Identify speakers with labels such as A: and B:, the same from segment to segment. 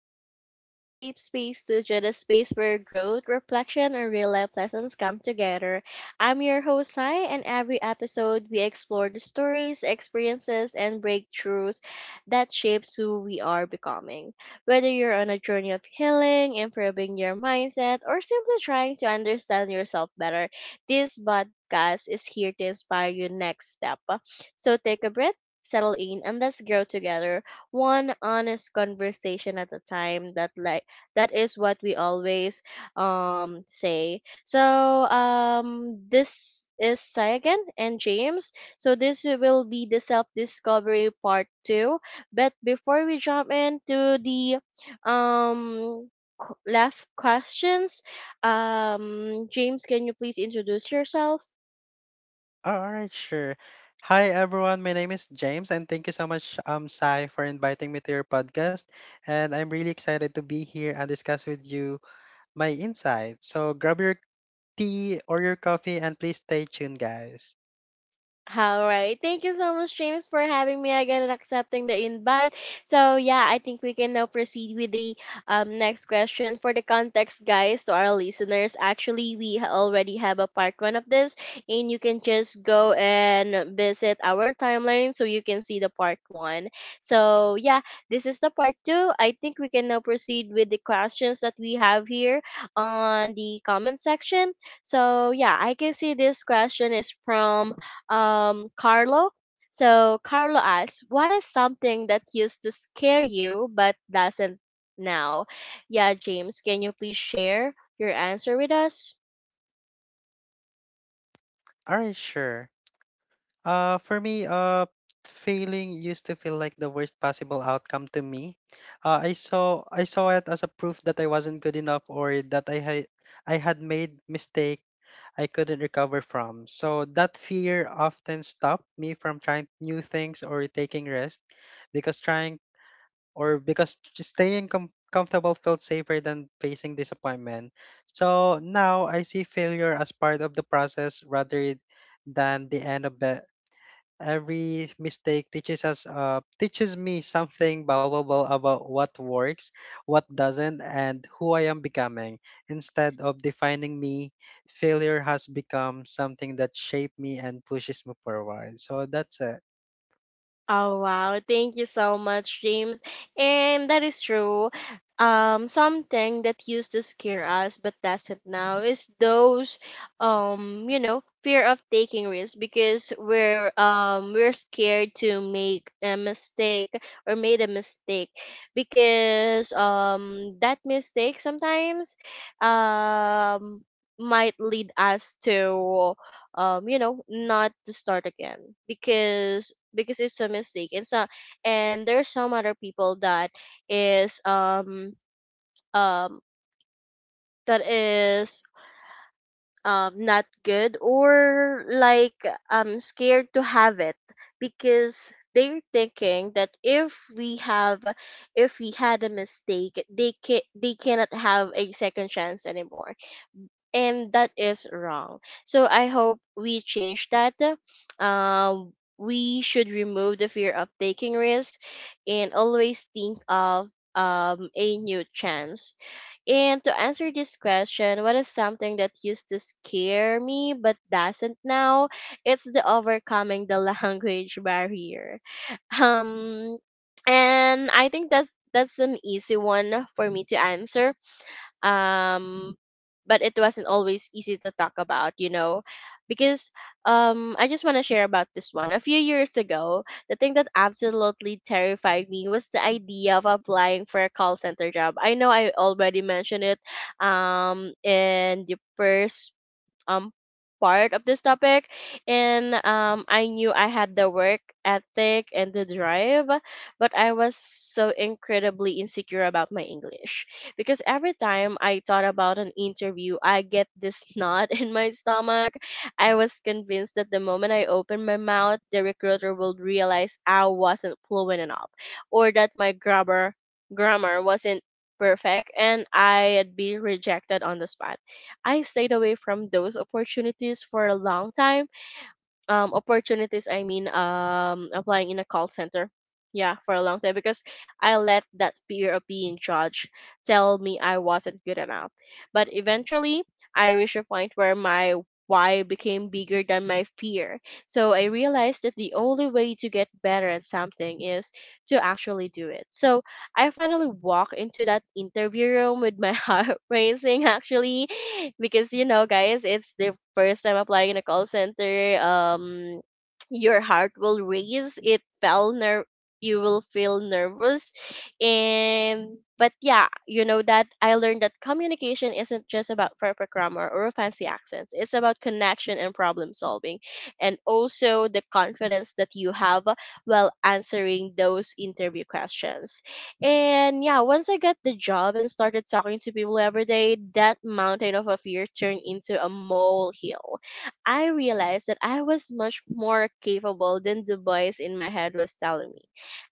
A: welcome to Safe Space Studio, the space where growth, reflection, and real life lessons come together. I'm your host, Sai, and every episode we explore the stories, experiences, and breakthroughs that shapes who we are becoming. Whether you're on a journey of healing, improving your mindset, or simply trying to understand yourself better, this podcast is here to inspire your next step. So take a breath, settle in, and let's grow together one honest conversation at a time. That like that is what we always say. So this is Sayagan and James. So this will be the self discovery part two. But before we jump into the um left questions, James, can you please introduce yourself?
B: Oh, all right, sure. Hi everyone, my name is James and thank you so much Sai for inviting me to your podcast, and I'm really excited to be here and discuss with you my insights. So grab your tea or your coffee and please stay tuned guys.
A: All right. Thank you so much, James, for having me again and accepting the invite. So, yeah, I think we can now proceed with the next question. For the context, guys, to our listeners, actually, we already have a part one of this, and you can just go and visit our timeline so you can see the part one. So, yeah, this is the part two. I think we can now proceed with the questions that we have here on the comment section. So, yeah, I can see this question is from Carlo. So Carlo asks, "What is something that used to scare you but doesn't now?" Yeah, James, can you please share your answer with us?
B: All right, sure. For me, failing used to feel like the worst possible outcome to me. I saw it as a proof that I wasn't good enough or that I had made mistakes I couldn't recover from. So that fear often stopped me from trying new things or taking risks because trying or because just staying comfortable felt safer than facing disappointment. So now I see failure as part of the process rather than the end of it. Every mistake teaches me something valuable about what works, what doesn't, and who I am becoming. Instead of defining me, failure has become something that shaped me and pushes me forward. So that's it.
A: Oh wow, thank you so much, James. And that is true. Something that used to scare us but doesn't now is those, you know, fear of taking risks because we're scared to make a mistake or made a mistake because that mistake sometimes um might lead us to, you know, not to start again because it's a mistake. And so and there's some other people is um um that is not good, or like scared to have it because they're thinking that if we had a mistake, they cannot have a second chance anymore. And that is wrong. So I hope we change that. We should remove the fear of taking risks and always think of, a new chance. And to answer this question, what is something that used to scare me but doesn't now? It's the overcoming the language barrier. Um, and I think that's an easy one for me to answer, um but it wasn't always easy to talk about, you know, because I just want to share about this one. A few years ago the thing that absolutely terrified me was the idea of applying for a call center job. I know I already mentioned it in the first, um part of this topic. And I knew I had the work ethic and the drive, but I was so incredibly insecure about my English, because every time I thought about an interview I get this knot in my stomach. I was convinced that the moment I opened my mouth the recruiter would realize I wasn't fluent enough, or that my grammar wasn't perfect, and I'd be rejected on the spot. I stayed away from those opportunities for a long time, opportunities I mean, applying in a call center, yeah, for a long time, because I let that fear of being judged tell me I wasn't good enough. But eventually I reached a point where my why became bigger than my fear. So I realized that the only way to get better at something is to actually do it. So I finally walked into that interview room with my heart racing, actually, because you know guys, it's the first time applying in a call center. Your heart will race. It felt you will feel nervous. And but yeah, you know that I learned that communication isn't just about perfect grammar or fancy accents. It's about connection and problem solving, and also the confidence that you have while answering those interview questions. And yeah, once I got the job and started talking to people every day, that mountain of a fear turned into a molehill. I realized that I was much more capable than the voice in my head was telling me.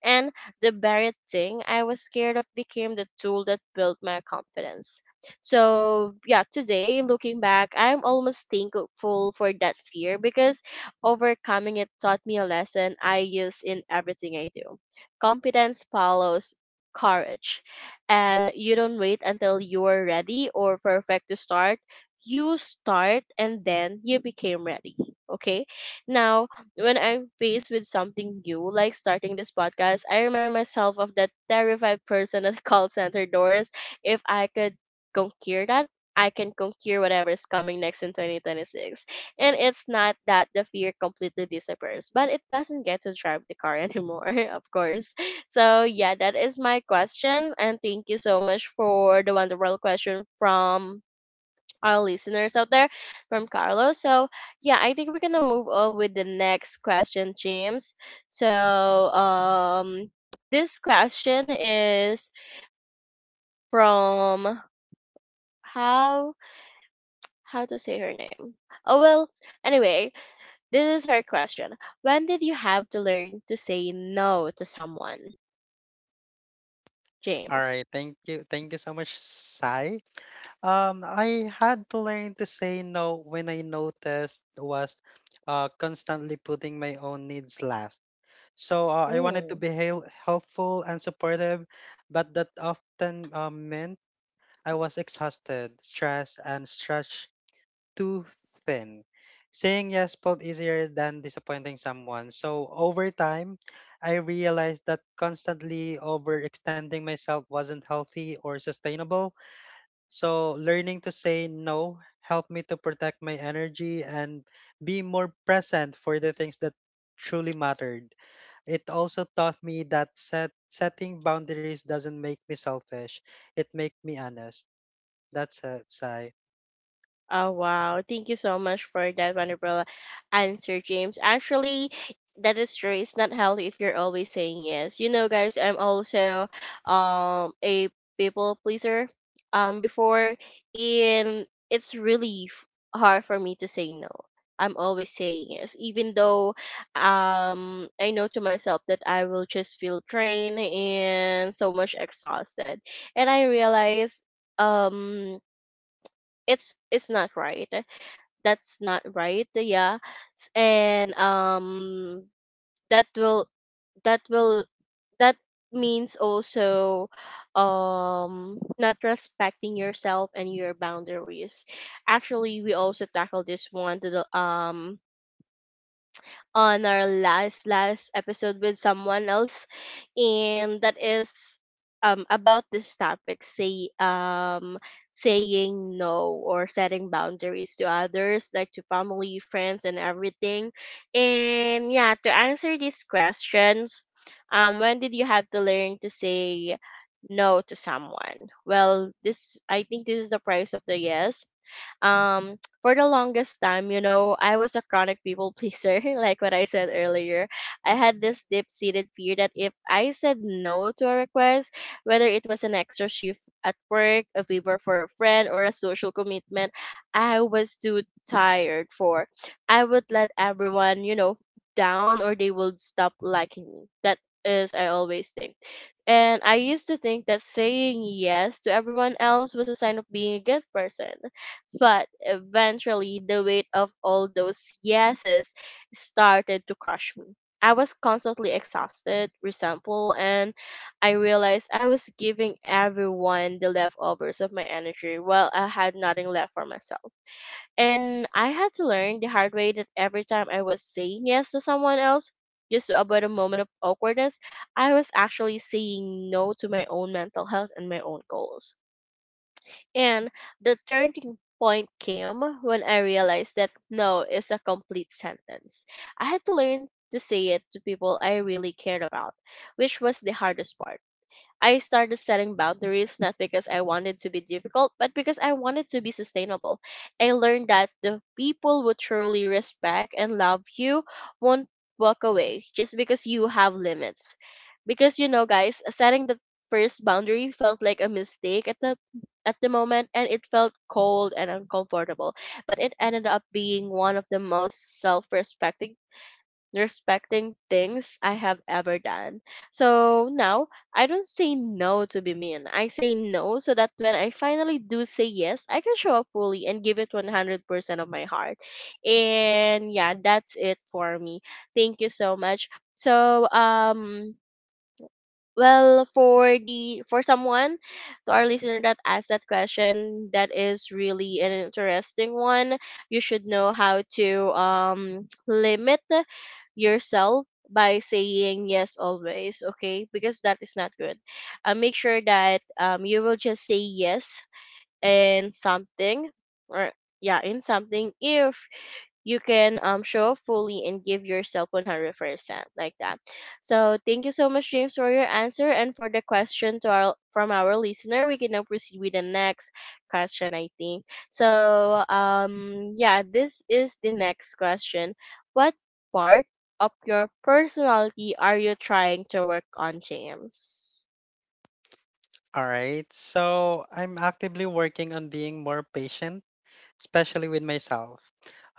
A: And the very thing I was scared of became the tool that built my confidence. So, yeah, today, looking back, I'm almost thankful for that fear because overcoming it taught me a lesson I use in everything I do. Competence follows courage. And you don't wait until you're ready or perfect to start. You start and then you became ready. Okay. Now, when I'm faced with something new, like starting this podcast, I remind myself of that terrified person at call center doors. If I could conquer that, I can conquer whatever is coming next in 2026. And it's not that the fear completely disappears, but it doesn't get to drive the car anymore, of course. So yeah, that is my question, and thank you so much for the wonderful question from our listeners out there, from Carlos. So yeah, I think we're gonna move on with the next question, James. So this question is from, how how to say her name. Oh well, anyway, this is her question. When did you have to learn to say no to someone,
B: All
A: James?
B: right, thank you so much, Sai. I had to learn to say no when I noticed was constantly putting my own needs last. So I wanted to
A: Hmm.
B: be helpful and supportive, but that often meant I was exhausted, stressed, and stretched too thin. Saying yes felt easier than disappointing someone. So over time, I realized that constantly overextending myself wasn't healthy or sustainable. So learning to say no helped me to protect my energy and be more present for the things that truly mattered. It also taught me that setting boundaries doesn't make me selfish. It makes me honest. That's it, Sai.
A: Oh wow, thank you so much for that wonderful answer, James. Actually, that is true. It's not healthy if you're always saying yes. You know, guys, I'm also a people pleaser. Before, and it's really hard for me to say no. I'm always saying yes, even though I know to myself that I will just feel drained and so much exhausted. And I realize um it's not right, that's not right, yeah. And that will that will that means also not respecting yourself and your boundaries. Actually we also tackle this one to the on our last episode with someone else, and that is about this topic, saying no or setting boundaries to others, like to family, friends, and everything. And yeah, to answer these questions, when did you have to learn to say no to someone? Well, this I think this is the price of the yes. um for the longest time, you know, I was a chronic people pleaser like what I said earlier. I had this deep seated fear that if I said no to a request, whether it was an extra shift at work, a favor for a friend, or a social commitment I was too tired for, I would let everyone, you know, down, or they would stop liking me, that is I always think. And I used to think that saying yes to everyone else was a sign of being a good person. But eventually, the weight of all those yeses started to crush me. I was constantly exhausted, resentful, and I realized I was giving everyone the leftovers of my energy while I had nothing left for myself. And I had to learn the hard way that every time I was saying yes to someone else, just to avoid a moment of awkwardness, I was actually saying no to my own mental health and my own goals. And the turning point came when I realized that no is a complete sentence. I had to learn to say it to people I really cared about, which was the hardest part. I started setting boundaries not because I wanted to be difficult, but because I wanted to be sustainable. I learned that the people who truly respect and love you won't walk away just because you have limits. Because you know, guys, setting the first boundary felt like a mistake at the moment, and it felt cold and uncomfortable, but it ended up being one of the most self-respecting respecting things I have ever done. So now I don't say no to be mean. I say no so that when I finally do say yes, I can show up fully and give it 100% of my heart. And yeah, that's it for me. Thank you so much. So well, for the for someone, to our listener that asked that question, that is really an interesting one. You should know how to limit yourself by saying yes always, okay? Because that is not good. Make sure that you will just say yes in something or yeah, in something if you can show up fully and give yourself 100% like that. So thank you so much, James, for your answer and for the question to our from our listener. We can now proceed with the next question, I think. So yeah, this is the next question. What part of your personality are you trying to work on, James?
B: All right. So I'm actively working on being more patient, especially with myself.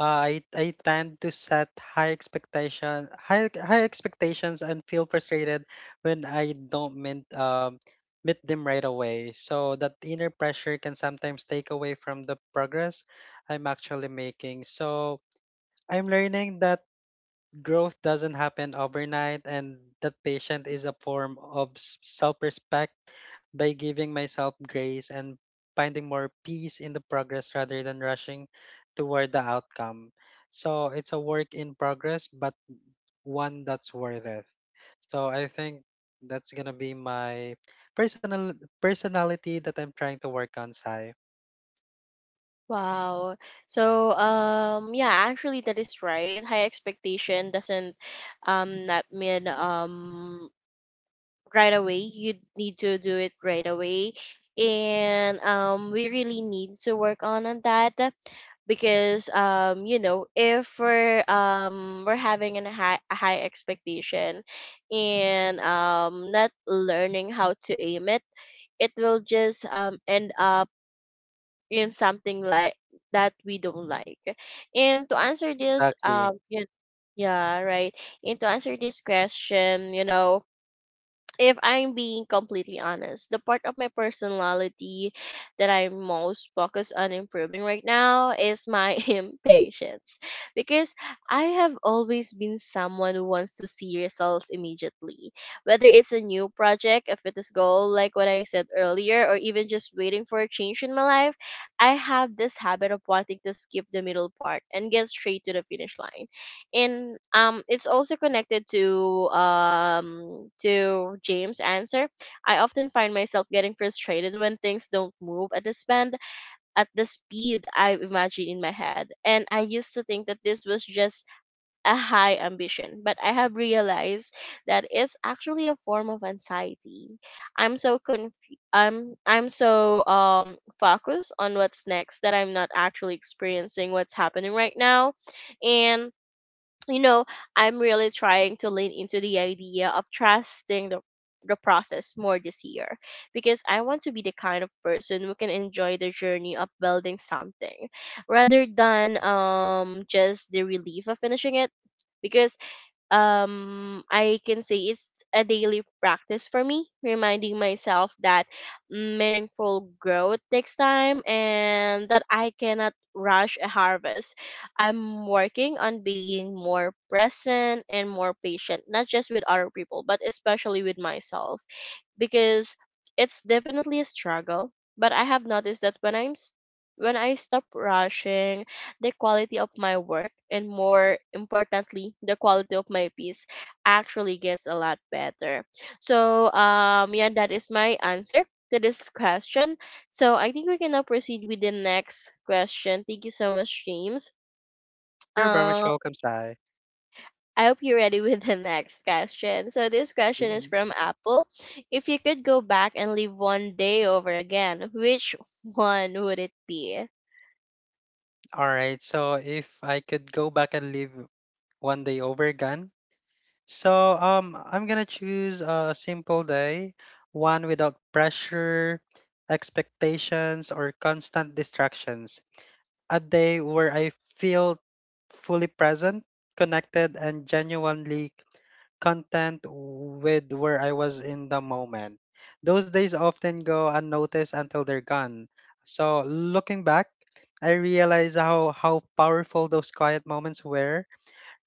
B: I tend to set high expectations and feel frustrated when I don't meet them right away. So that inner pressure can sometimes take away from the progress I'm actually making. So I'm learning that growth doesn't happen overnight and that patience is a form of self-respect by giving myself grace and finding more peace in the progress rather than rushing toward the outcome. So it's a work in progress, but one that's worth it. So I think that's gonna be my personal personality that I'm trying to work on, Sai.
A: Wow. So yeah, actually that is right, high expectation doesn't not mean right away. You need to do it right away. And we really need to work on that because you know, if we're having an high a high expectation and not learning how to aim it, it will just end up in something like that we don't like. And to answer this,
B: Exactly.
A: yeah, yeah, right. And to answer this question, you know, if I'm being completely honest, the part of my personality that I'm most focused on improving right now is my impatience. Because I have always been someone who wants to see results immediately. Whether it's a new project, a fitness goal, like what I said earlier, or even just waiting for a change in my life, I have this habit of wanting to skip the middle part and get straight to the finish line, and it's also connected to to James' answer. I often find myself getting frustrated when things don't move at the speed I imagine in my head. And I used to think that this was just a high ambition, but I have realized that it's actually a form of anxiety. I'm so confused. I'm so focused on what's next that I'm not actually experiencing what's happening right now, and you know, I'm really trying to lean into the idea of trusting the process more this year because I want to be the kind of person who can enjoy the journey of building something rather than just the relief of finishing it because I can say it's a daily practice for me, reminding myself that meaningful growth takes time and that I cannot rush a harvest. I'm working on being more present and more patient, not just with other people, but especially with myself because it's definitely a struggle, but I have noticed that when when I stop rushing, the quality of my work and more importantly the quality of my peace actually gets a lot better. So yeah, that is my answer to this question. So I think we can now proceed with the next question. Thank you so much, James.
B: You're very much
A: um
B: welcome, Sai.
A: I hope you're ready with the next question. So this question is from Apple. If you could go back and live one day over again, which one would it be?
B: All right. So if I could go back and live one day over again, I'm gonna choose a simple day, one without pressure, expectations, or constant distractions. A day where I feel fully present, connected, and genuinely content with where I was in the moment. Those days often go unnoticed until they're gone. So looking back, I realize how powerful those quiet moments were.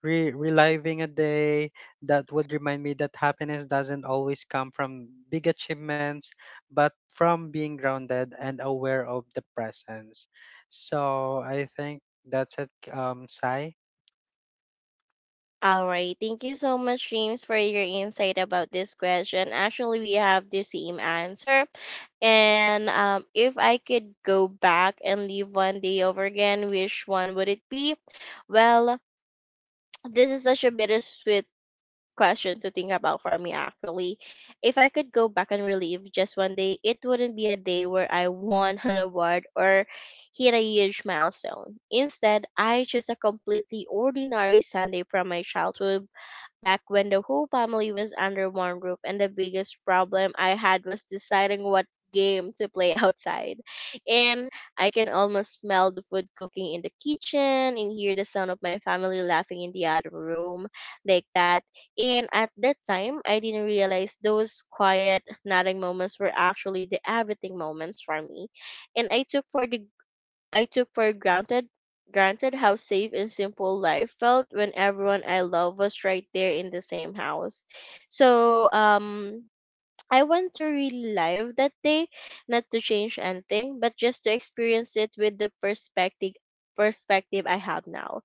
B: Reliving a day that would remind me that happiness doesn't always come from big achievements, but from being grounded and aware of the presence. So I think that's it, Sai.
A: All right. Thank you so much, James, for your insight about this question. Actually, we have the same answer. And if I could go back and live one day over again, which one would it be? Well, this is such a bittersweet question to think about for me actually. If I could go back and relive just one day, it wouldn't be a day where I won an award or hit a huge milestone. Instead, I chose a completely ordinary Sunday from my childhood back when the whole family was under one roof and the biggest problem I had was deciding what game to play outside. And I can almost smell the food cooking in the kitchen and hear the sound of my family laughing in the other room, like that. And at that time, I didn't realize those quiet nodding moments were actually the everything moments for me. And I took for granted how safe and simple life felt when everyone I love was right there in the same house. So I went to relive that day, not to change anything, but just to experience it with the perspective I have now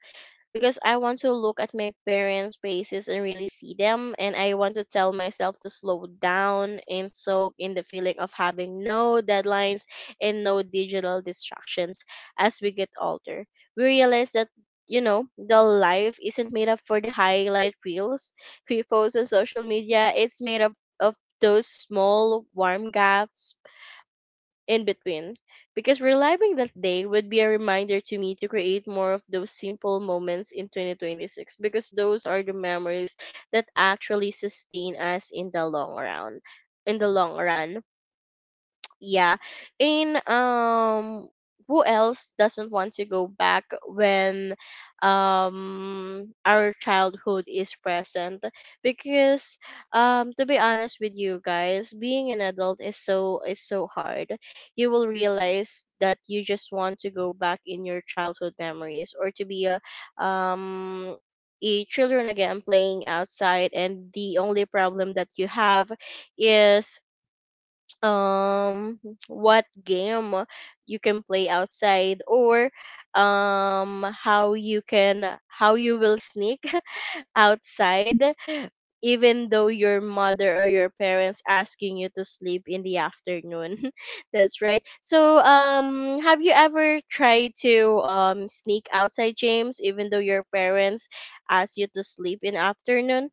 A: because I want to look at my parents' faces and really see them. And I want to tell myself to slow down and soak in the feeling of having no deadlines and no digital distractions. As we get older, we realize that. You know, the life isn't made up for the highlight reels we post on social media. It's made up of those small warm gaps in between because reliving that day would be a reminder to me to create more of those simple moments in 2026, because those are the memories that actually sustain us in the long run, yeah. And who else doesn't want to go back when our childhood is present? Because to be honest with you guys, being an adult is so hard. You will realize that you just want to go back in your childhood memories, or to be um a children again playing outside, and the only problem that you have is um what game you can play outside, or how you will sneak outside even though your mother or your parents asking you to sleep in the afternoon. That's right. So have you ever tried to sneak outside, James, even though your parents ask you to sleep in afternoon?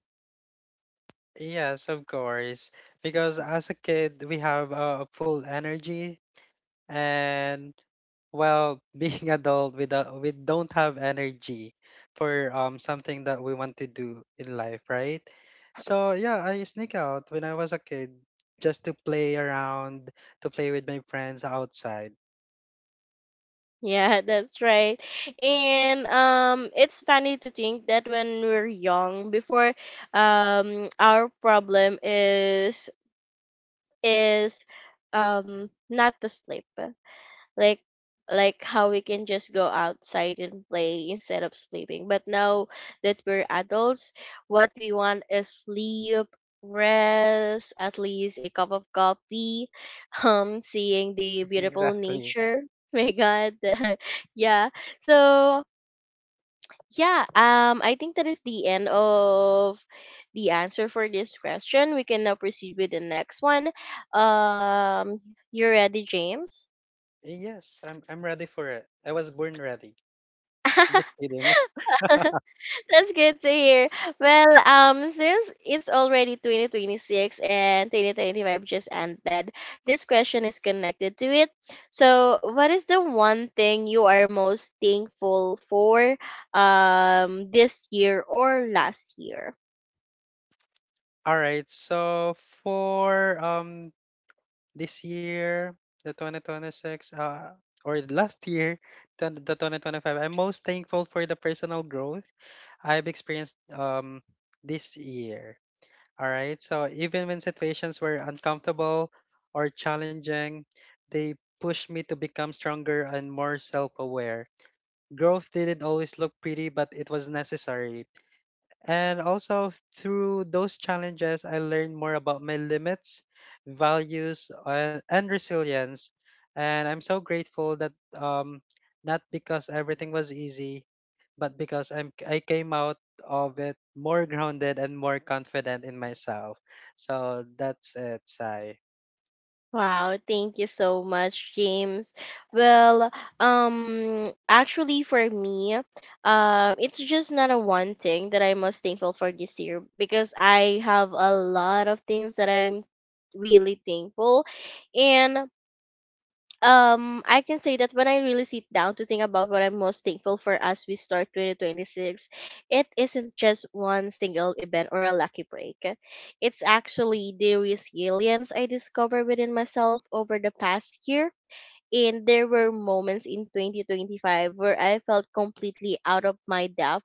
B: Yes, of course. Because as a kid, we have full energy, and well, being adult without we don't have energy for something that we want to do in life, right? So yeah, I sneak out when I was a kid just to play around, to play with my friends outside.
A: Yeah, that's right. And it's funny to think that when we're young before our problem is not to sleep, like like how we can just go outside and play instead of sleeping. But now that we're adults, what we want is sleep, rest, at least a cup of coffee, seeing the beautiful
B: Exactly.
A: nature. My God, yeah. So yeah, I think that is the end of the answer for this question. We can now proceed with the next one. Um, you ready, James?
B: Yes, I'm ready for it. I was born ready. I'm just kidding.
A: That's good to hear. Well, since it's already 2026 and 2025 just ended, this question is connected to it. So, what is the one thing you are most thankful for this year or last year?
B: All right, so for this year, the 2026, or last year, the 2025, I'm most thankful for the personal growth I've experienced this year. All right. So even when situations were uncomfortable or challenging, they pushed me to become stronger and more self aware. Growth didn't always look pretty, but it was necessary. And also through those challenges, I learned more about my limits, values, and resilience. And I'm so grateful that not because everything was easy, but because I came out of it more grounded and more confident in myself. So that's it, Sai.
A: Wow, thank you so much, James. Well, actually for me, it's just not a one thing that I must thankful for this year because I have a lot of things that I'm really thankful, and I can say that when I really sit down to think about what I'm most thankful for as we start 2026, it isn't just one single event or a lucky break. It's actually the resilience I discovered within myself over the past year, and there were moments in 2025 where I felt completely out of my depth,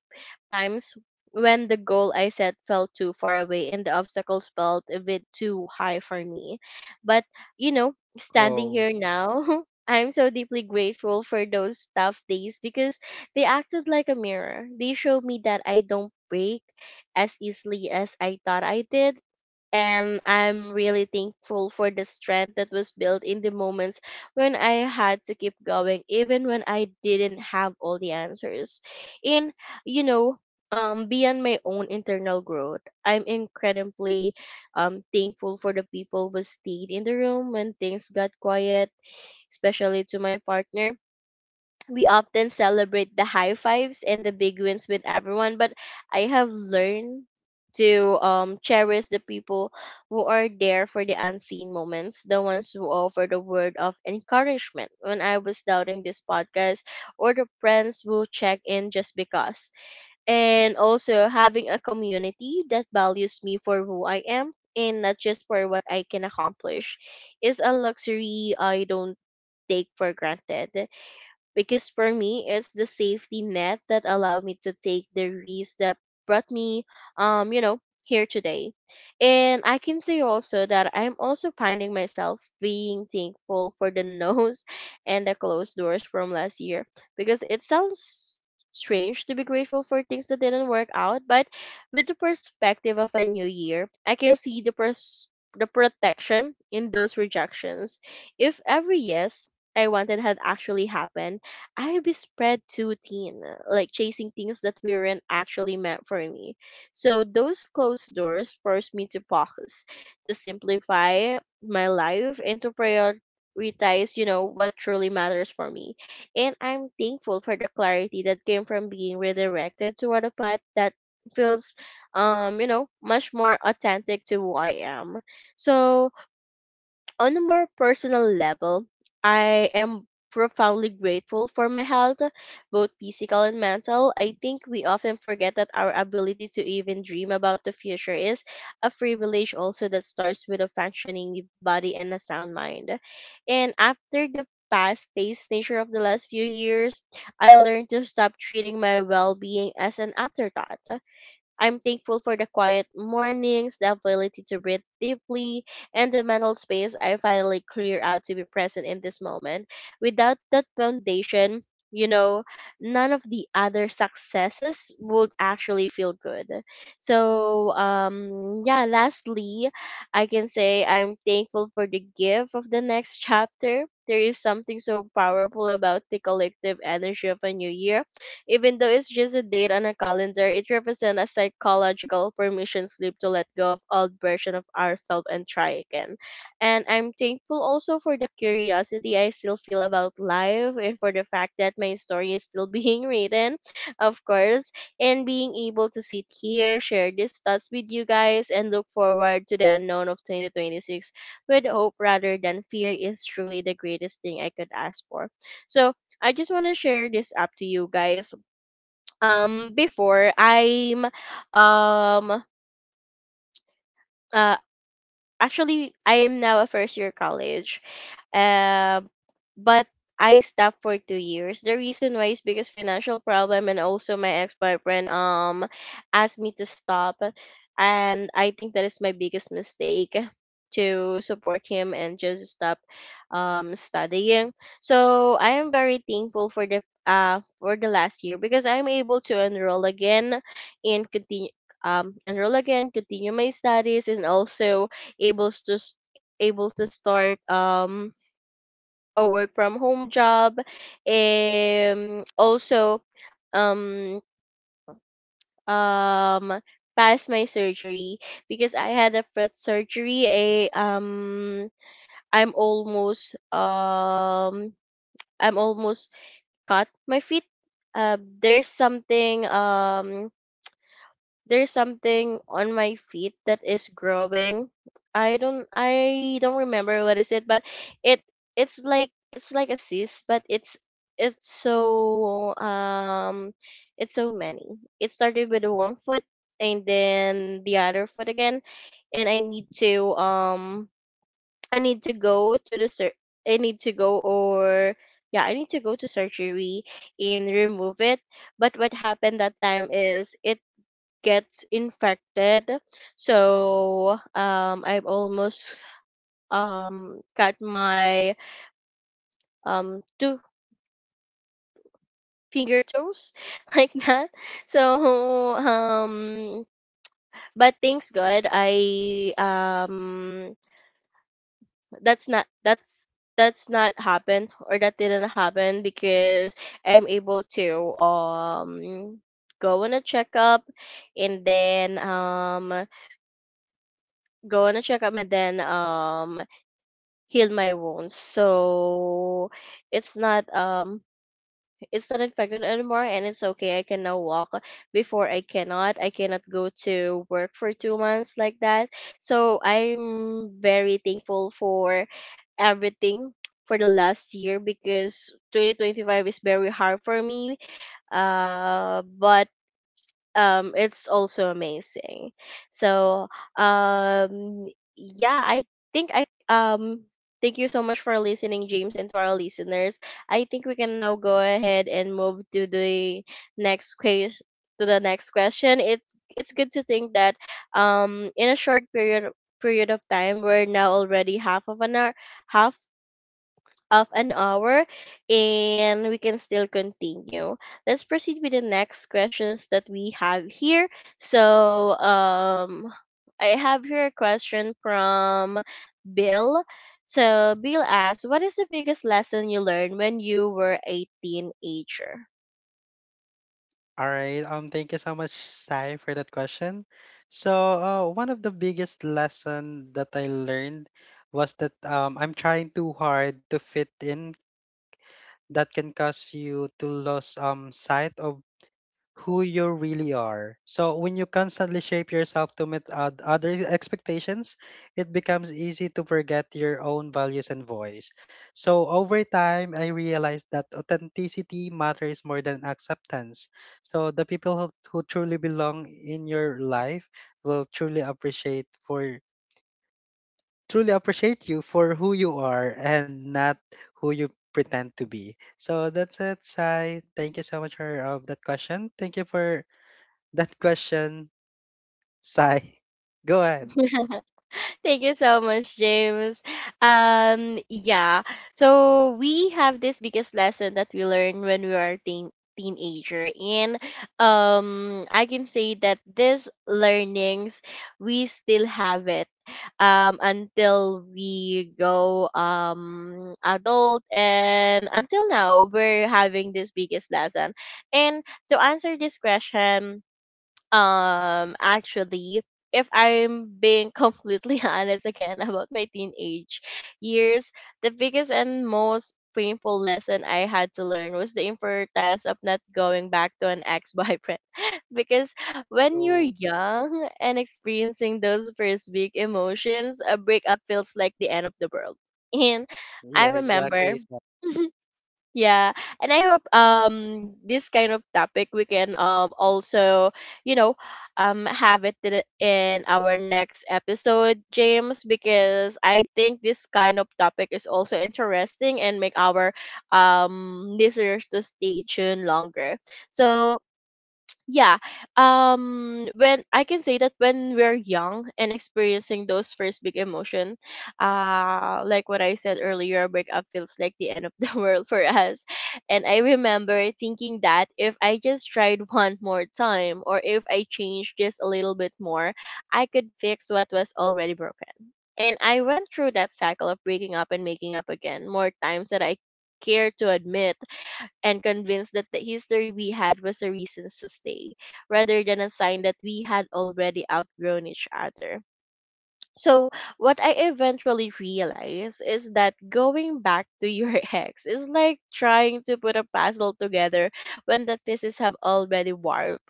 A: times when the goal I set felt too far away and the obstacles felt a bit too high for me. But, you know, standing here now, I'm so deeply grateful for those tough days because they acted like a mirror. They showed me that I don't break as easily as I thought I did, and I'm really thankful for the strength that was built in the moments when I had to keep going, even when I didn't have all the answers. And, you know, beyond my own internal growth, I'm incredibly thankful for the people who stayed in the room when things got quiet, especially to my partner. We often celebrate the high fives and the big wins with everyone, but I have learned to cherish the people who are there for the unseen moments, the ones who offer the word of encouragement when I was doubting this podcast, or the friends who check in just because. And also having a community that values me for who I am and not just for what I can accomplish is a luxury I don't take for granted, because for me it's the safety net that allowed me to take the risk that brought me you know here today. And I can say also that I'm also finding myself being thankful for the nose and the closed doors from last year, because it sounds strange to be grateful for things that didn't work out, but with the perspective of a new year I can see the protection in those rejections. If every yes I wanted had actually happened, I spread too thin, like chasing things that weren't actually meant for me. So those closed doors forced me to focus, to simplify my life, and to prioritize, you know, what truly matters for me. And I'm thankful for the clarity that came from being redirected toward a path that feels, you know, much more authentic to who I am. So on a more personal level, I am profoundly grateful for my health, both physical and mental. I think we often forget that our ability to even dream about the future is a privilege also that starts with a functioning body and a sound mind. And after the fast paced nature of the last few years, I learned to stop treating my well being as an afterthought. I'm thankful for the quiet mornings, the ability to breathe deeply, and the mental space I finally clear out to be present in this moment. Without that foundation, you know, none of the other successes would actually feel good. Lastly, I can say I'm thankful for the gift of the next chapter. There is something so powerful about the collective energy of a new year, even though it's just a date on a calendar. It represents a psychological permission slip to let go of old version of ourselves and try again. And I'm thankful also for the curiosity I still feel about life and for the fact that my story is still being written, of course, and being able to sit here, share these thoughts with you guys, and look forward to the unknown of 2026 with hope rather than fear is truly the greatest thing I could ask for. So I just want to share this up to you guys. Before I'm um uh Actually, I am now a first year college. Um but I stopped for 2 years. The reason why is because financial problem, and also my ex boyfriend asked me to stop, and I think that is my biggest mistake, to support him and just stop studying. So I am very thankful for the last year, because I'm able to enroll again and continue my studies, and also able to s- able to start a work from home job, and also um um past my surgery. Because I had a foot surgery, I I'm almost um I'm almost cut my feet. There's something there's something on my feet that is growing. I don't remember what is it, but it it's like a cyst, but it's so um it's so many. It started with the one foot, and then the other foot again, and I need to go to the sur- I need to go or yeah I need to go to surgery and remove it. But what happened that time is it gets infected. So I've almost cut my two finger toes like that. So but thanks God, I that's not that's that's not happened, or that didn't happen, because I'm able to go on a checkup and then go on a checkup and then um healed my wounds, so it's not um it's not infected anymore, and it's okay, I can now walk. Before, I cannot, I cannot go to work for 2 months like that. So I'm very thankful for everything, for the last year, because 2025 is very hard for me. But It's also amazing. so um yeah I think I thank you so much for listening, James, and to our listeners. I think we can now go ahead and move to the next question next question. It it's good to think that in a short period of time, we're now already half of an hour, half of an hour and we can still continue. Let's proceed with the next questions that we have here. So, um, I have here a question from Bill. So Bill asks, what is the biggest lesson you learned when you were a teenager?
B: All right. Thank you so much, Sai, for that question. So, one of the biggest lesson that I learned was that I'm trying too hard to fit in. That can cause you to lose sight of who you really are. So when you constantly shape yourself to meet other expectations, it becomes easy to forget your own values and voice. So over time, I realized that authenticity matters more than acceptance. So the who truly belong in your life will truly appreciate you for who you are and not who you pretend to be. So that's it, Sai. Thank you so much for that question. Thank you for that question, Sai. Go ahead.
A: Thank you so much, James. Um, yeah. So we have this biggest lesson that we learn when we are teenager, and I can say that these learnings we still have it until we go adult, and until now we're having this biggest lesson. And to answer this question, actually, if I'm being completely honest again about my teenage years, the biggest and most painful lesson I had to learn was the importance of not going back to an ex-boyfriend because when you're
B: So
A: young and experiencing those first big emotions, a breakup feels like the end of the world. And I
B: yeah, exactly,
A: remember
B: Sai.
A: yeah, and I hope this kind of topic we can also, you know have it in our next episode, James, because I think this kind of topic is also interesting and make our listeners to stay tuned longer. So yeah when I can say that when we're young and experiencing those first big emotion, like what I said earlier, breakup feels like the end of the world for us. And I remember thinking that if I just tried one more time, or if I changed just a little bit more, I could fix what was already broken. And I went through that cycle of breaking up and making up again more times than I care to admit, and convinced that the history we had was a reason to stay, rather than a sign that we had already outgrown each other. So, what I eventually realized is that going back to your ex is like trying to put a puzzle together when the pieces have already warped.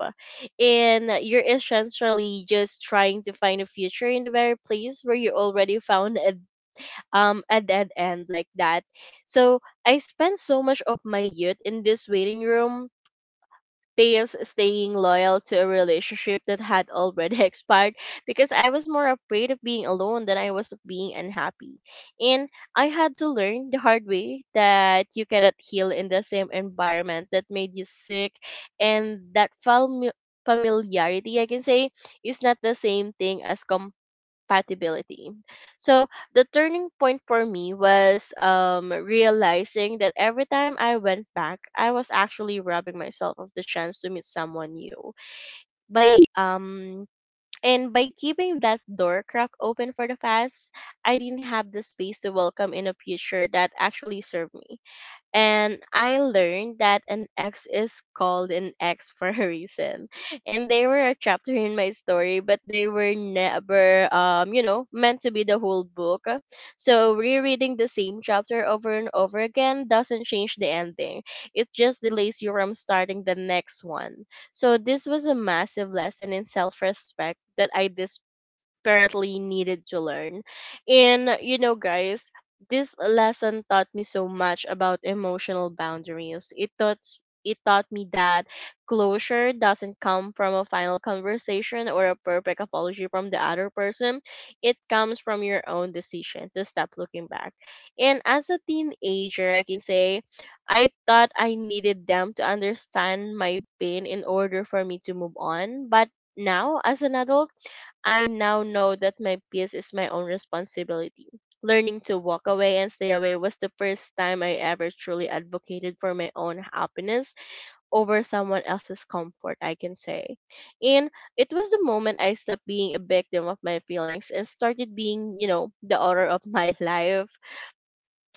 A: And you're essentially just trying to find a future in the very place where you already found a dead end, like that. So I spent so much of my youth in this waiting room, past staying loyal to a relationship that had already expired, because I was more afraid of being alone than I was of being unhappy. And I had to learn the hard way that you cannot heal in the same environment that made you sick, and that familiarity, I can say, is not the same thing as compatibility. So the turning point for me was realizing that every time I went back, I was actually robbing myself of the chance to meet someone new. By um by keeping that door crack open for the past, I didn't have the space to welcome in a future that actually served me, and I learned that an X is called an X for a reason. And they were a chapter in my story, but they were never, meant to be the whole book. So rereading the same chapter over and over again doesn't change the ending. It just delays you from starting the next one. So this was a massive lesson in self-respect that I desperately needed to learn. And, you know, guys, this lesson taught me so much about emotional boundaries. It taught me that closure doesn't come from a final conversation or a perfect apology from the other person. It comes from your own decision to stop looking back. And as a teenager, I can say I thought I needed them to understand my pain in order for me to move on. But now, as an adult, I now know that my peace is my own responsibility. Learning to walk away and stay away was the first time I ever truly advocated for my own happiness over someone else's comfort, I can say. And it was the moment I stopped being a victim of my feelings and started being, you know, the author of my life,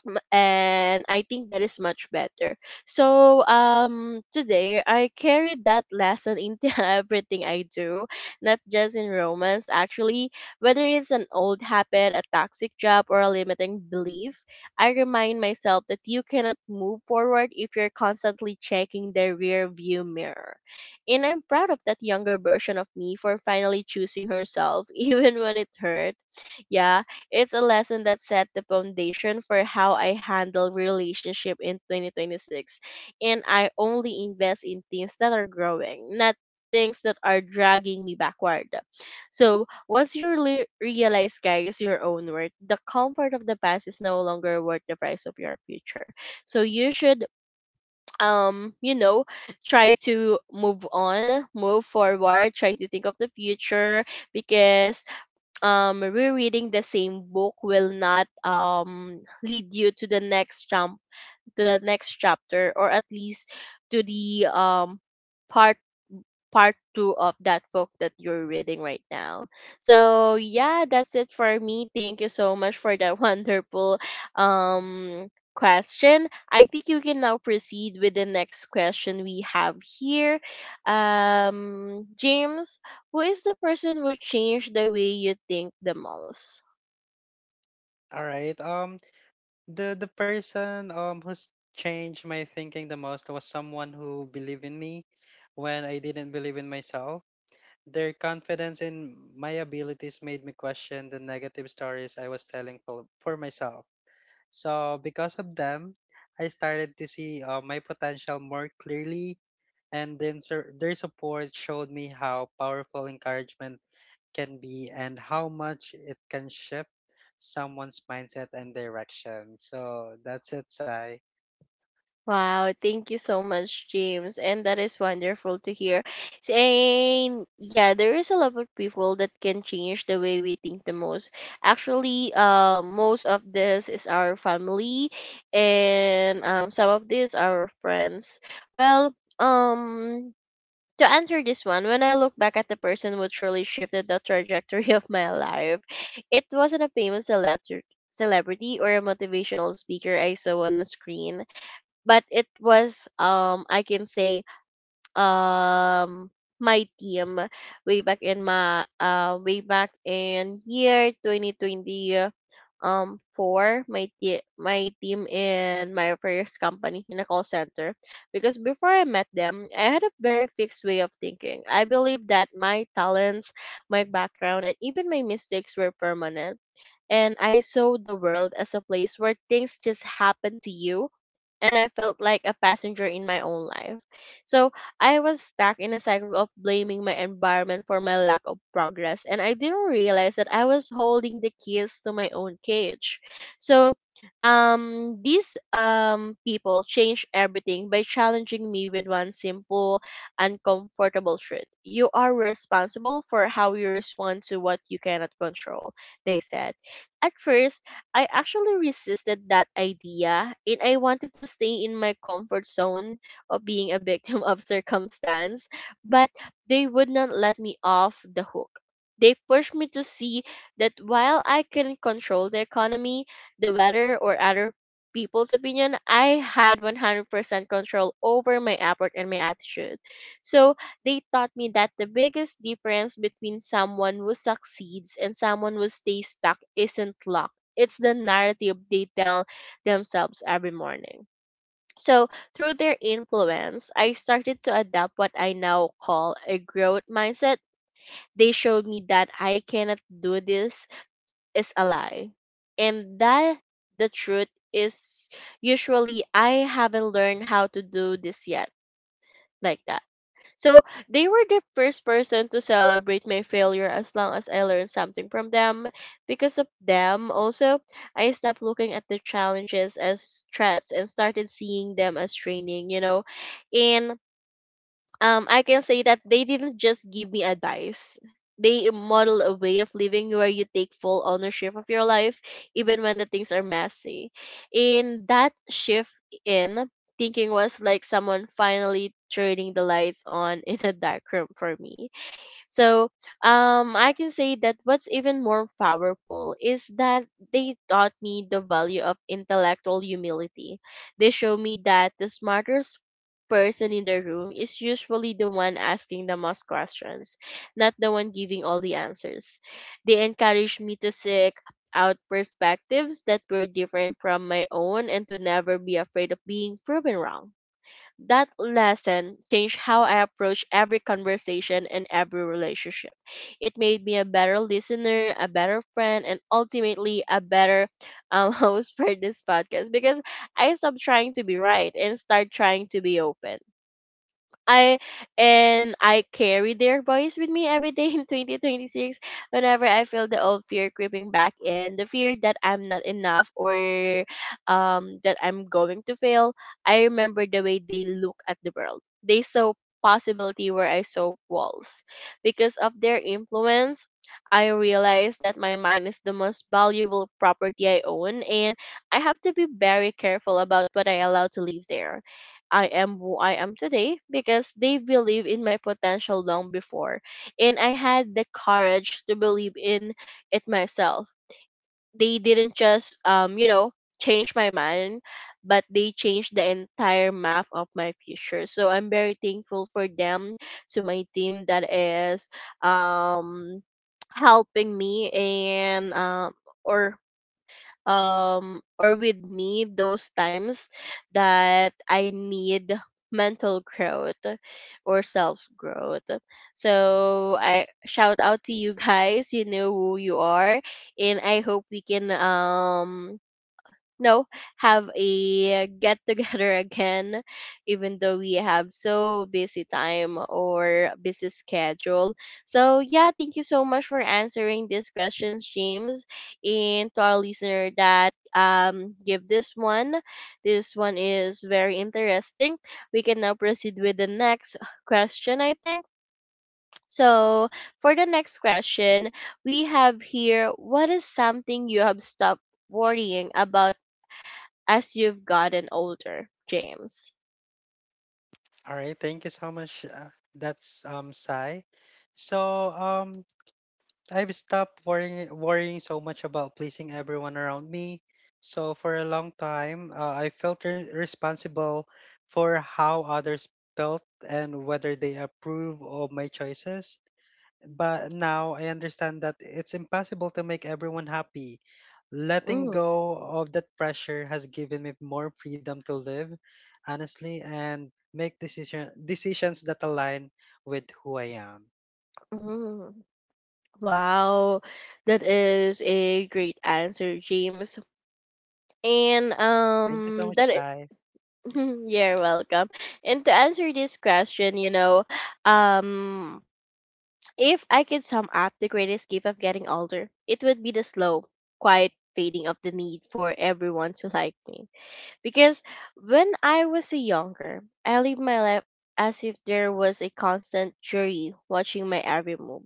A: and I think that is much better. So today I carry that lesson into everything I do, not just in romance actually. Whether it's an old habit, a toxic job, or a limiting belief, I remind myself that you cannot move forward if you're constantly checking the rear view mirror. And I'm proud of that younger version of me for finally choosing herself even when it hurt. Yeah, it's a lesson that set the foundation for how I handle relationship in 2026. And I only invest in things that are growing, not things that are dragging me backward. So once you really realize, guys, your own worth, the comfort of the past is no longer worth the price of your future. So you should, um, you know, try to move on, move forward, try to think of the future, because rereading the same book will not lead you to the next jump, to the next chapter, or at least to the part part two of that book that you're reading right now. So yeah, that's it for me. Thank you so much for that wonderful um question. I think you can now proceed with the next question we have here. James, who is the person who changed the way you think the most?
B: All right. The person who's changed my thinking the most was someone who believed in me when I didn't believe in myself. Their confidence in my abilities made me question the negative stories I was telling for myself. So because of them, I started to see my potential more clearly, and then their support showed me how powerful encouragement can be and how much it can shift someone's mindset and direction. So that's it, Sai.
A: Wow, thank you so much, James. And that is wonderful to hear. And yeah, there is a lot of people that can change the way we think the most. Actually, most of this is our family, and some of this are our friends. Well, um, to answer this one, when I look back at the person who truly shifted the trajectory of my life, it wasn't a famous celebrity. Celebrity or a motivational speaker I saw on the screen, but it was I can say um my team way back in my way back in year 2020, four. My team in my first company in a call center. Because before I met them, I had a very fixed way of thinking. I believe that my talents, my background, and even my mistakes were permanent, and I saw the world as a place where things just happen to you, and I felt like a passenger in my own life. So I was stuck in a cycle of blaming my environment for my lack of progress, and I didn't realize that I was holding the keys to my own cage. So these people changed everything by challenging me with one simple, uncomfortable truth: you are responsible for how you respond to what you cannot control, they said. At first, I actually resisted that idea, and I wanted to stay in my comfort zone of being a victim of circumstance, but they would not let me off the hook. They pushed me to see that while I can control the economy, the weather, or other people's opinion, I had 100% control over my effort and my attitude. So they taught me that the biggest difference between someone who succeeds and someone who stays stuck isn't luck, it's the narrative they tell themselves every morning. So, through their influence, I started to adopt what I now call a growth mindset. They showed me that "I cannot do this" is a lie, and that the truth is usually "I haven't learned how to do this yet," like that. So they were the first person to celebrate my failure as long as I learned something from them. Because of them, also, I stopped looking at the challenges as threats and started seeing them as training, And I can say that they didn't just give me advice. They model a way of living where you take full ownership of your life, even when the things are messy. And that shift in thinking was like someone finally turning the lights on in a dark room for me. So I can say that what's even more powerful is that they taught me the value of intellectual humility. They show me that the smartest person in the room is usually the one asking the most questions, not the one giving all the answers. They encourage me to seek out perspectives that were different from my own and to never be afraid of being proven wrong. That lesson changed how I approach every conversation and every relationship. It made me a better listener, a better friend, and ultimately a better host for this podcast, because I stopped trying to be right and start trying to be open. I and I carry their voice with me every day in 2026, whenever I feel the old fear creeping back in, the fear that I'm not enough or that I'm going to fail. I remember the way they look at the world. They saw possibility where I saw walls. Because of their influence, I realized that my mind is the most valuable property I own, and I have to be very careful about what I allow to live there. I am who I am today because they believe in my potential long before, and I had the courage to believe in it myself. They didn't just, change my mind, but they changed the entire map of my future. So I'm very thankful for them, to my team that is um, helping me, and or or with me those times that I need mental growth or self growth. So I shout out to you guys, you know who you are, and I hope we can no have a get together again, even though we have so busy time or busy schedule. So yeah, thank you so much for answering these questions, James. And to our listener that give this one, this one is very interesting. We can now proceed with the next question, I think. So for the next question, we have here: what is something you have stopped worrying about as you've gotten older, James?
B: All right, thank you so much. That's Sai. So um I've stopped worrying so much about pleasing everyone around me. So for a long time, I felt responsible for how others felt and whether they approve of my choices. But now I understand that it's impossible to make everyone happy. Letting
A: Mm,
B: go of that pressure has given me more freedom to live honestly and make decisions that align with who I am.
A: mm. Wow, that is a great answer, James. And
B: Thank you so much,
A: that
B: Sai.
A: you're welcome. And to answer this question, you know, um, if I could sum up the greatest gift of getting older, it would be the slow, quiet fading of the need for everyone to like me. Because when I was a younger, I lived my life as if there was a constant jury watching my every move.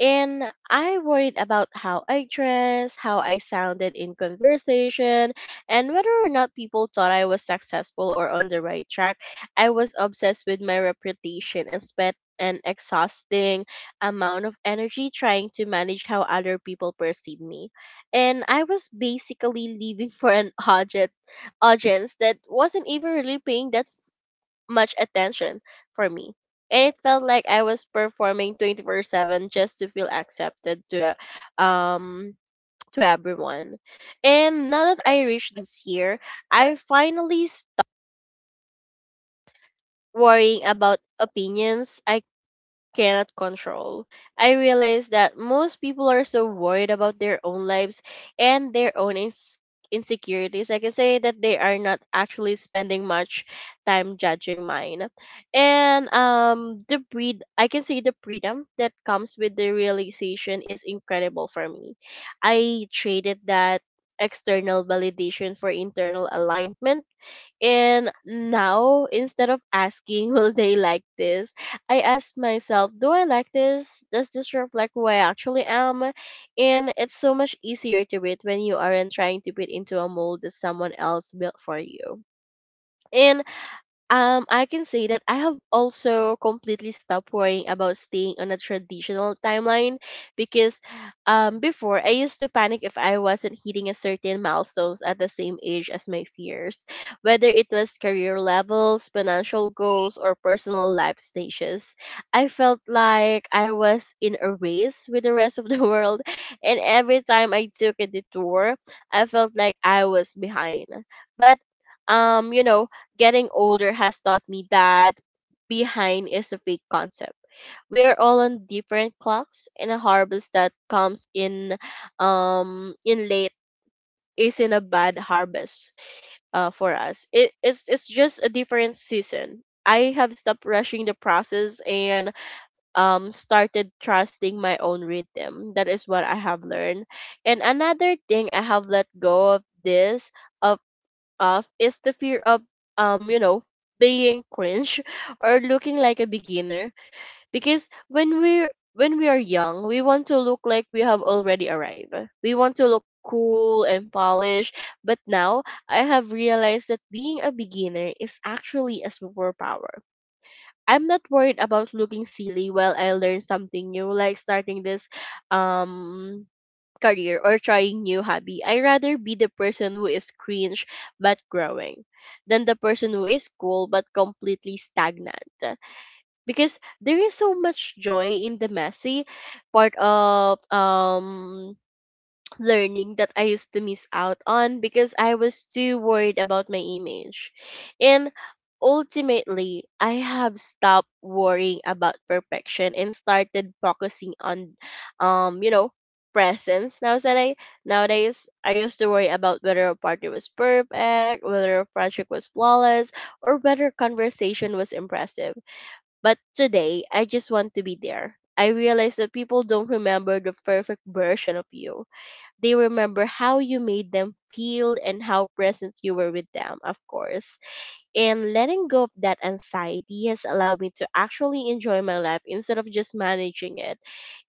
A: And I worried about how I dressed, how I sounded in conversation, and whether or not people thought I was successful or on the right track. I was obsessed with my reputation and spent an exhausting amount of energy trying to manage how other people perceive me. And I was basically leaving for an audience that wasn't even really paying that much attention for me. And it felt like I was performing 24/7 just to feel accepted uh, um to everyone. And now that I reached this year, I finally stopped worrying about opinions I cannot control. I realize that most people are so worried about their own lives and their own insecurities. I can say that they are not actually spending much time judging mine. And the breed I can say the freedom that comes with the realization is incredible for me. I traded that external validation for internal alignment, and now, instead of asking, "Will they like this?" I ask myself, "Do I like this? Does this reflect who I actually am?" And it's so much easier to read when you aren't trying to fit into a mold that someone else built for you. And I can say that I have also completely stopped worrying about staying on a traditional timeline, because before, I used to panic if I wasn't hitting a certain milestones at the same age as my fears, whether it was career levels, financial goals, or personal life stages. I felt like I was in a race with the rest of the world, and every time I took a detour, I felt like I was behind. But um, you know, getting older has taught me that behind is a fake concept. We are all on different clocks, and a harvest that comes in late isn't a bad harvest for us. It's just a different season. I have stopped rushing the process and started trusting my own rhythm. That is what I have learned. And another thing I have let go of this of of is the fear of um you know being cringe or looking like a beginner. Because when we are young, we want to look like we have already arrived. We want to look cool and polished, but now I have realized that being a beginner is actually a superpower. I'm not worried about looking silly while I learn something new, like starting this um career or trying new hobby. I rather be the person who is cringe but growing than the person who is cool but completely stagnant. Because there is so much joy in the messy part of learning that I used to miss out on because I was too worried about my image. And ultimately, I have stopped worrying about perfection and started focusing on um, you know, presence. Nowadays, I used to worry about whether a party was perfect, whether a project was flawless, or whether conversation was impressive. But today, I just want to be there. I realize that people don't remember the perfect version of you, they remember how you made them feel and how present you were with them, of course. And letting go of that anxiety has allowed me to actually enjoy my life instead of just managing it.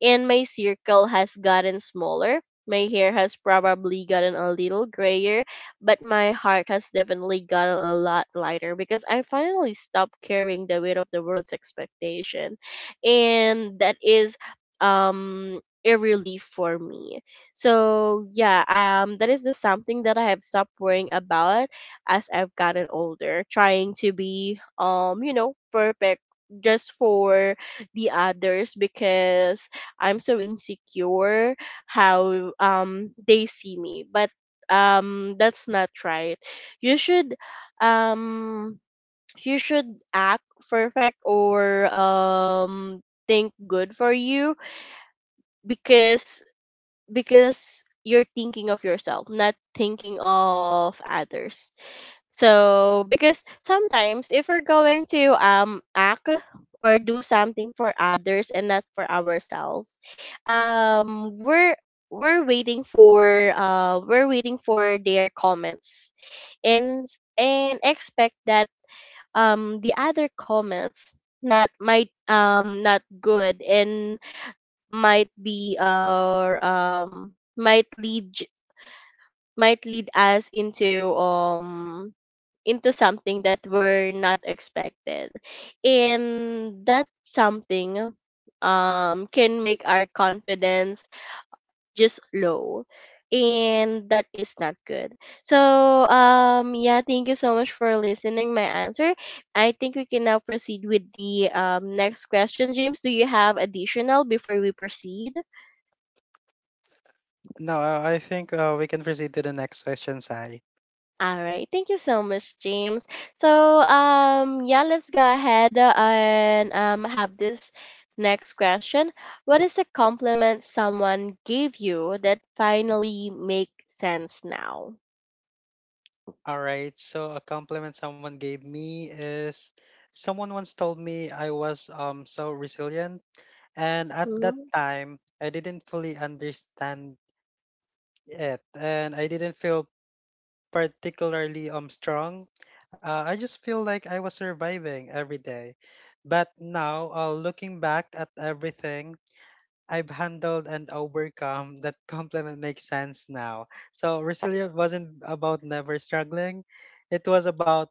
A: And my circle has gotten smaller. My hair has probably gotten a little grayer, but my heart has definitely gotten a lot lighter because I finally stopped carrying the weight of the world's expectation. And that is a relief for me. So yeah, that is the something that I have stopped worrying about as I've gotten older, trying to be perfect just for the others, because I'm so insecure how they see me. But that's not right. You should um you should act perfect or think good for you, because you're thinking of yourself, not thinking of others. So because sometimes if we're going to act or do something for others and not for ourselves, um we're we're waiting for their comments and and expect that the other comments not might not good and might be our might lead might lead us into something that we're not expected, and that something can make our confidence just low, and that is not good. So yeah, thank you so much for listening my answer. I think we can now proceed with the next question. James, do you have additional before we proceed?
B: No, I think we can proceed to the next question, Sai.
A: All right. Thank you so much, James. So, yeah, let's go ahead and have this next question. What is a compliment someone gave you that finally make sense now?
B: All right. So a compliment someone gave me is, someone once told me I was so resilient, and at that time I didn't fully understand it and I didn't feel particularly strong. I just feel like I was surviving every day. But now, looking back at everything I've handled and overcome, that compliment makes sense now. So resilient wasn't about never struggling. It was about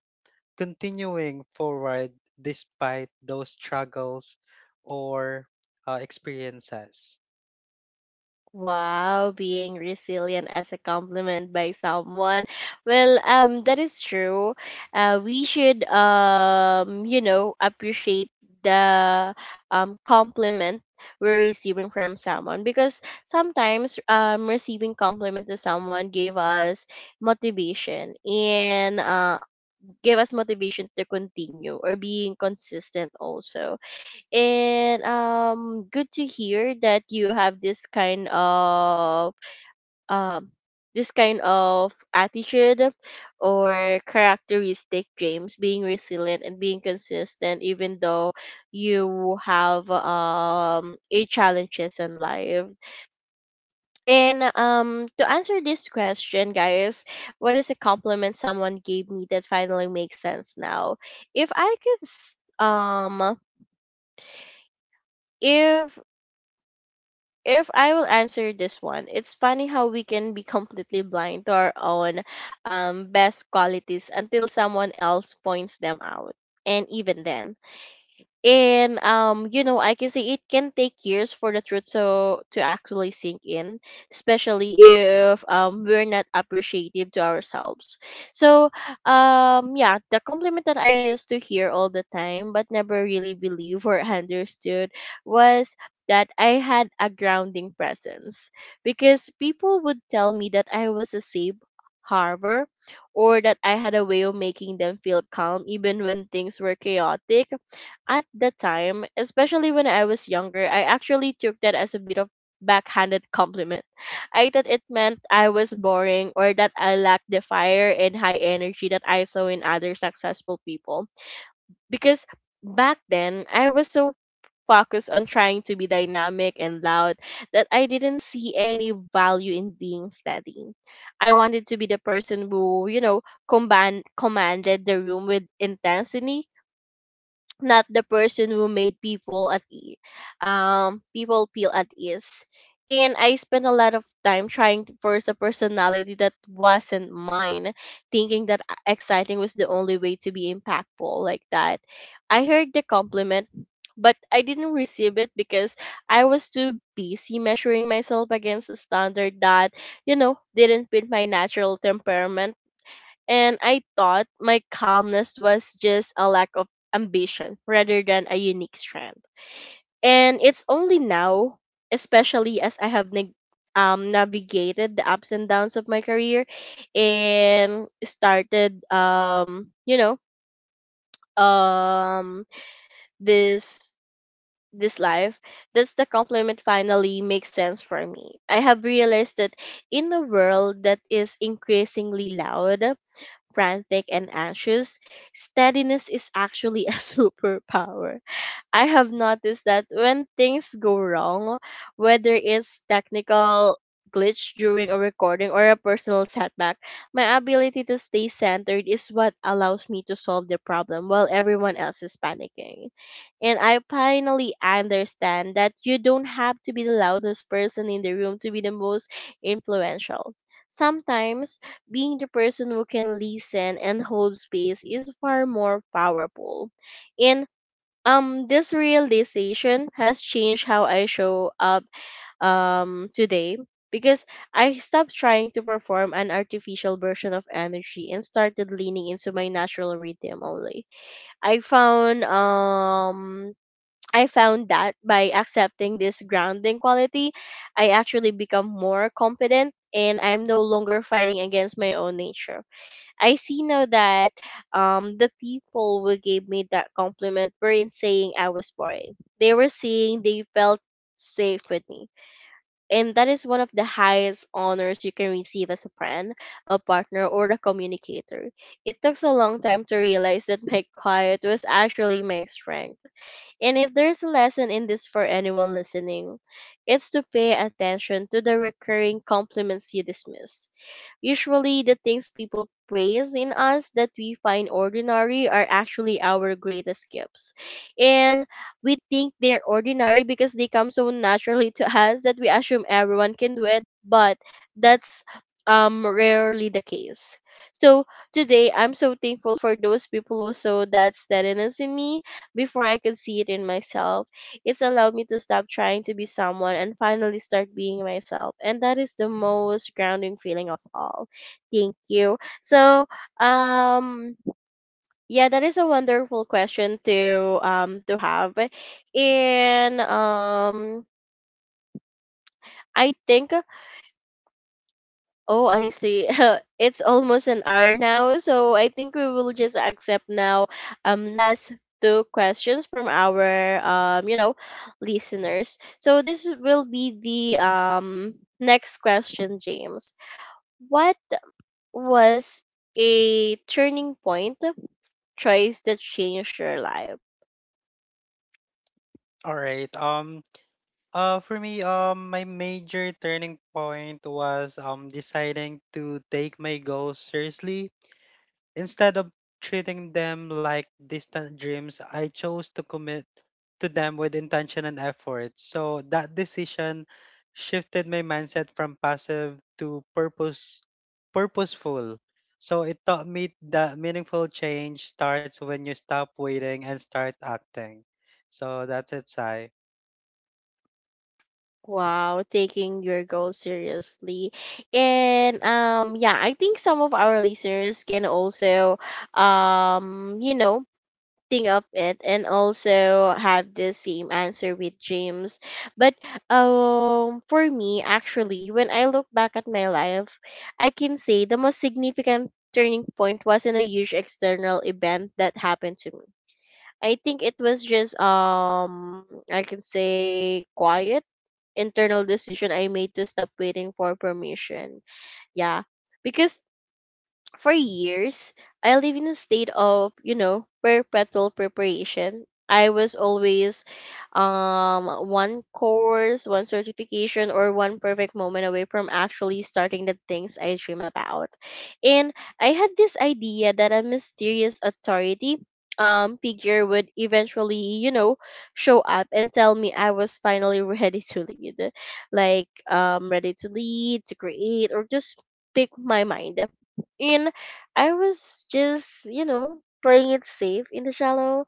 B: continuing forward despite those struggles or experiences.
A: Wow, being resilient as a compliment by someone. Well, that is true. We should, you know, appreciate the compliment we're receiving from someone, because sometimes receiving compliment to someone gave us motivation, and gave us motivation to continue or being consistent also. And good to hear that you have um this kind of attitude or characteristic, James, being resilient and being consistent even though you have a challenges in life. And to answer this question, guys, what is a compliment someone gave me that finally makes sense now? If if if I will answer this one, it's funny how we can be completely blind to our own best qualities until someone else points them out. And even then, and you know, I can say it can take years for the truth so to actually sink in, especially if we're not appreciative to ourselves. So yeah, the compliment that I used to hear all the time but never really believe or understood was that I had a grounding presence, because people would tell me that I was a safe harbor, or that I had a way of making them feel calm even when things were chaotic. At the time, especially when I was younger, I actually took that as a bit of backhanded compliment. I thought it meant I was boring, or that I lacked the fire and high energy that I saw in other successful people. Because back then, I was so focused on trying to be dynamic and loud that I didn't see any value in being steady. I wanted to be the person who, you know, commanded the room with intensity, not the person who made people people feel at ease. And I spent a lot of time trying to force a personality that wasn't mine, thinking that exciting was the only way to be impactful. Like that, I heard the compliment but I didn't receive it, because I was too busy measuring myself against a standard that, you know, didn't fit my natural temperament, and I thought my calmness was just a lack of ambition rather than a unique strength. And it's only now, especially as I have navigated the ups and downs of my career and started, you know, um this this life, that's the compliment finally makes sense for me. I have realized that in a world that is increasingly loud, frantic and anxious, steadiness is actually a superpower. I have noticed that when things go wrong, whether it's technical glitch during a recording or a personal setback, my ability to stay centered is what allows me to solve the problem while everyone else is panicking. And I finally understand that you don't have to be the loudest person in the room to be the most influential. Sometimes being the person who can listen and hold space is far more powerful. And this realization has changed how I show up today, because I stopped trying to perform an artificial version of energy and started leaning into my natural rhythm only. I found um I found that by accepting this grounding quality, I actually become more competent and I'm no longer fighting against my own nature. I see now that, the people who gave me that compliment weren't saying I was boring. They were saying they felt safe with me. And that is one of the highest honors you can receive as a friend, a partner, or a communicator. It took a long time to realize that my quiet was actually my strength, and if there's a lesson in this for anyone listening, it's to pay attention to the recurring compliments you dismiss. Usually, the things people praise in us that we find ordinary are actually our greatest gifts. And we think they're ordinary because they come so naturally to us that we assume everyone can do it, but that's rarely the case. So today I'm so thankful for those people who saw that steadiness in me before I could see it in myself. It's allowed me to stop trying to be someone and finally start being myself. And that is the most grounding feeling of all. Thank you. So, um, yeah, that is a wonderful question to have. And I think, oh, I see. It's almost an hour now, so I think we will just accept now last two questions from our, you know, listeners. So this will be the next question, James. What was a turning point choice that changed your life?
B: All right. For me, my major turning point was deciding to take my goals seriously instead of treating them like distant dreams. I chose to commit to them with intention and effort. So that decision shifted my mindset from passive to purposeful. So it taught me that meaningful change starts when you stop waiting and start acting. So that's it, Sai.
A: Wow, taking your goals seriously. And yeah, I think some of our listeners can also, you know, think of it and also have the same answer with James. But for me actually, when I look back at my life, I can say the most significant turning point wasn't a huge external event that happened to me. I think it was just I can say quiet internal decision I made to stop waiting for permission. Yeah. Because for years, I lived in a state of, you know, perpetual preparation. I was always, one course, one certification, or one perfect moment away from actually starting the things I dream about. And I had this idea that a mysterious authority, figure would eventually, you know, show up and tell me I was finally ready to lead. Like, ready to lead, to create, or just pick my mind. And I was just, you know, playing it safe in the shallow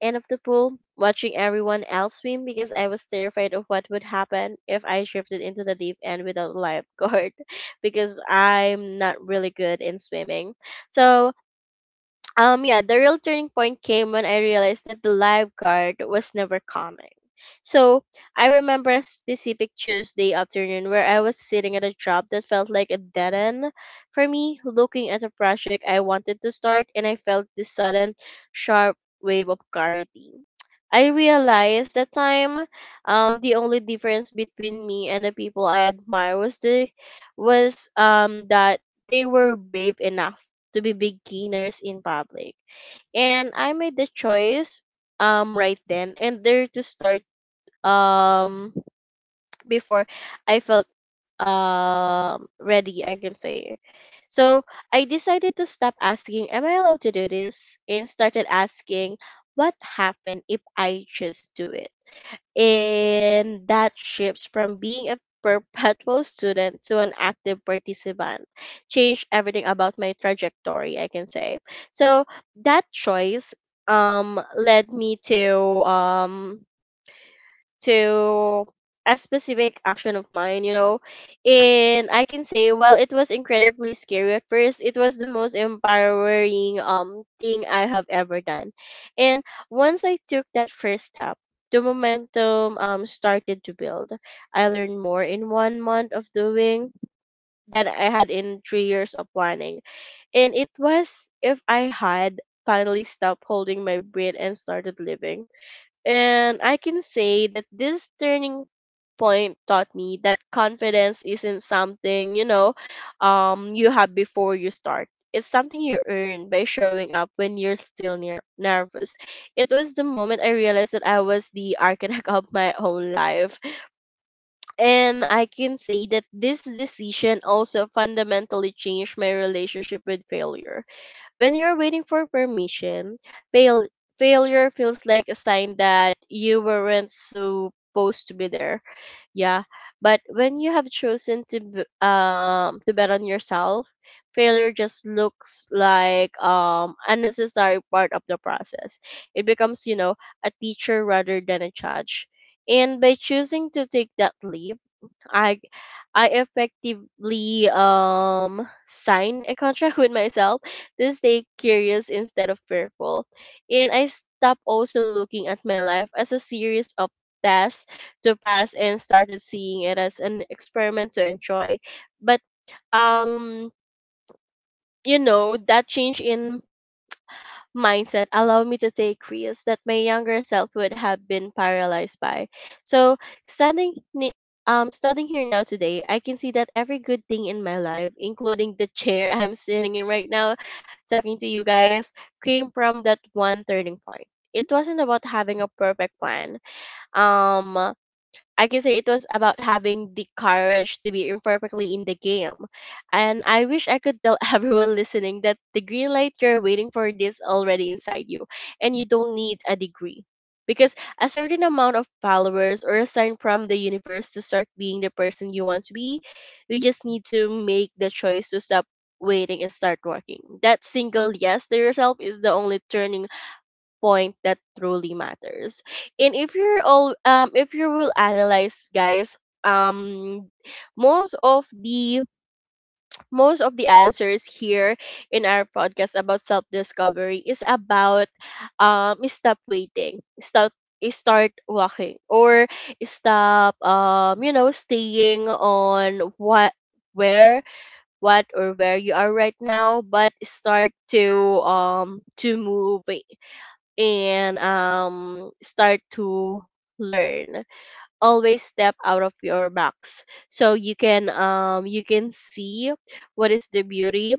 A: end of the pool, watching everyone else swim because I was terrified of what would happen if I drifted into the deep end without a lifeguard, because I'm not really good in swimming. So yeah, the real turning point came when I realized that the live card was never coming. So I remember a specific Tuesday afternoon where I was sitting at a job that felt like a dead end for me, looking at a project I wanted to start, and I felt this sudden sharp wave of clarity. I realized that time, the only difference between me and the people I admire was that they were brave enough to be beginners in public. And I made the choice right then and there to start, um before I felt ready, I can say. So I decided to stop asking, am I allowed to do this, and started asking, what happened if I just do it? And that shifts from being a perpetual student to an active participant changed everything about my trajectory, I can say. So that choice led me um to a specific action of mine, you know. And I can say, well, it was incredibly scary at first. It was the most empowering thing I have ever done. And once I took that first step, the momentum started to build. I learned more in 1 month of doing than I had in 3 years of planning. And it was if I had finally stopped holding my breath and started living. And I can say that this turning point taught me that confidence isn't something, you know, you have before you start. It's something you earn by showing up when you're still nervous. It was the moment I realized that I was the architect of my own life. And I can say that this decision also fundamentally changed my relationship with failure. When you're waiting for permission, fail- failure feels like a sign that you weren't supposed to be there. Yeah, but when you have chosen to to bet on yourself, failure just looks like unnecessary part of the process. It becomes, you know, a teacher rather than a judge. And by choosing to take that leap, I I effectively sign a contract with myself to stay curious instead of fearful. And I stopped also looking at my life as a series of tests to pass, and started seeing it as an experiment to enjoy. But um you know, that change in mindset allowed me to take risks that my younger self would have been paralyzed by. So standing standing here now today, I can see that every good thing in my life, including the chair I'm sitting in right now, talking to you guys, came from that one turning point. It wasn't about having a perfect plan. Um I can say it was about having the courage to be imperfectly in the game. And I wish I could tell everyone listening that the green light you're waiting for is already inside you, and you don't need a degree. Because a certain amount of followers or a sign from the universe to start being the person you want to be, you just need to make the choice to stop waiting and start working. That single yes to yourself is the only turning point that truly matters. And if you're all if you will analyze, guys, um most of the most of the answers here in our podcast about self discovery is about stop waiting, stop, start walking, or stop, you know, staying on what, where, what or where you are right now, but start to move, and start to learn, always step out of your box so you can, you can see what is the beauty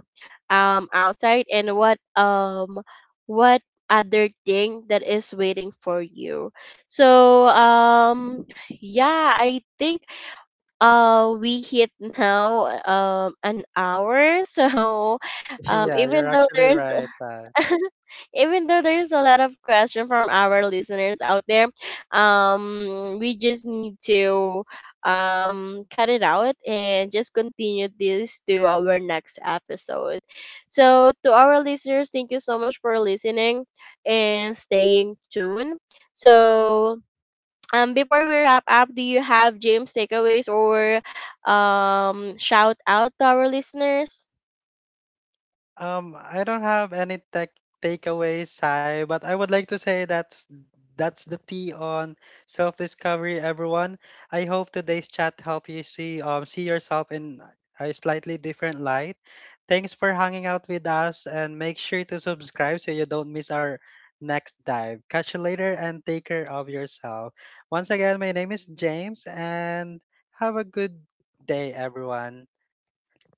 A: outside, and what, what other thing that is waiting for you. So yeah, I think we hit now an hour. So
B: Yeah, you're
A: even though
B: actually
A: there's
B: right, Sai.
A: even though there's a lot of question from our listeners out there, we just need to cut it out and just continue this to our next episode. So to our listeners, thank you so much for listening and staying tuned. So before we wrap up, do you have, James, takeaways or shout out to our listeners?
B: I don't have any tech takeaways, Sai, but I would like to say that's the tea on self-discovery, everyone. I hope today's chat helped you see yourself in a slightly different light. Thanks for hanging out with us, and make sure to subscribe so you don't miss our next dive. Catch you later, and take care of yourself. Once again, my name is James, and have a good day, everyone.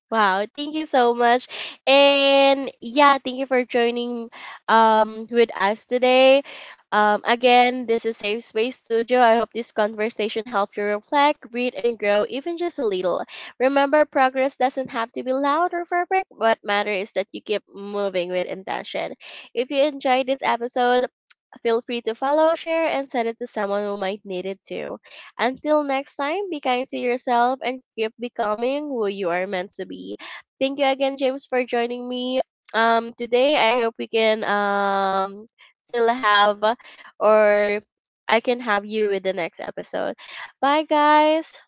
A: Wow, thank you so much. And yeah, thank you for joining with us today. Again, this is Safe Space Studio. I hope this conversation helped you reflect, breathe and grow even just a little. Remember, progress doesn't have to be loud or perfect. What matters is that you keep moving with intention. If you enjoyed this episode, feel free to follow, share and send it to someone who might need it too. Until next time, be kind to yourself and keep becoming who you are meant to be. Thank you again, James, for joining me today. I hope we can still have or I can have you with the next episode. Bye guys.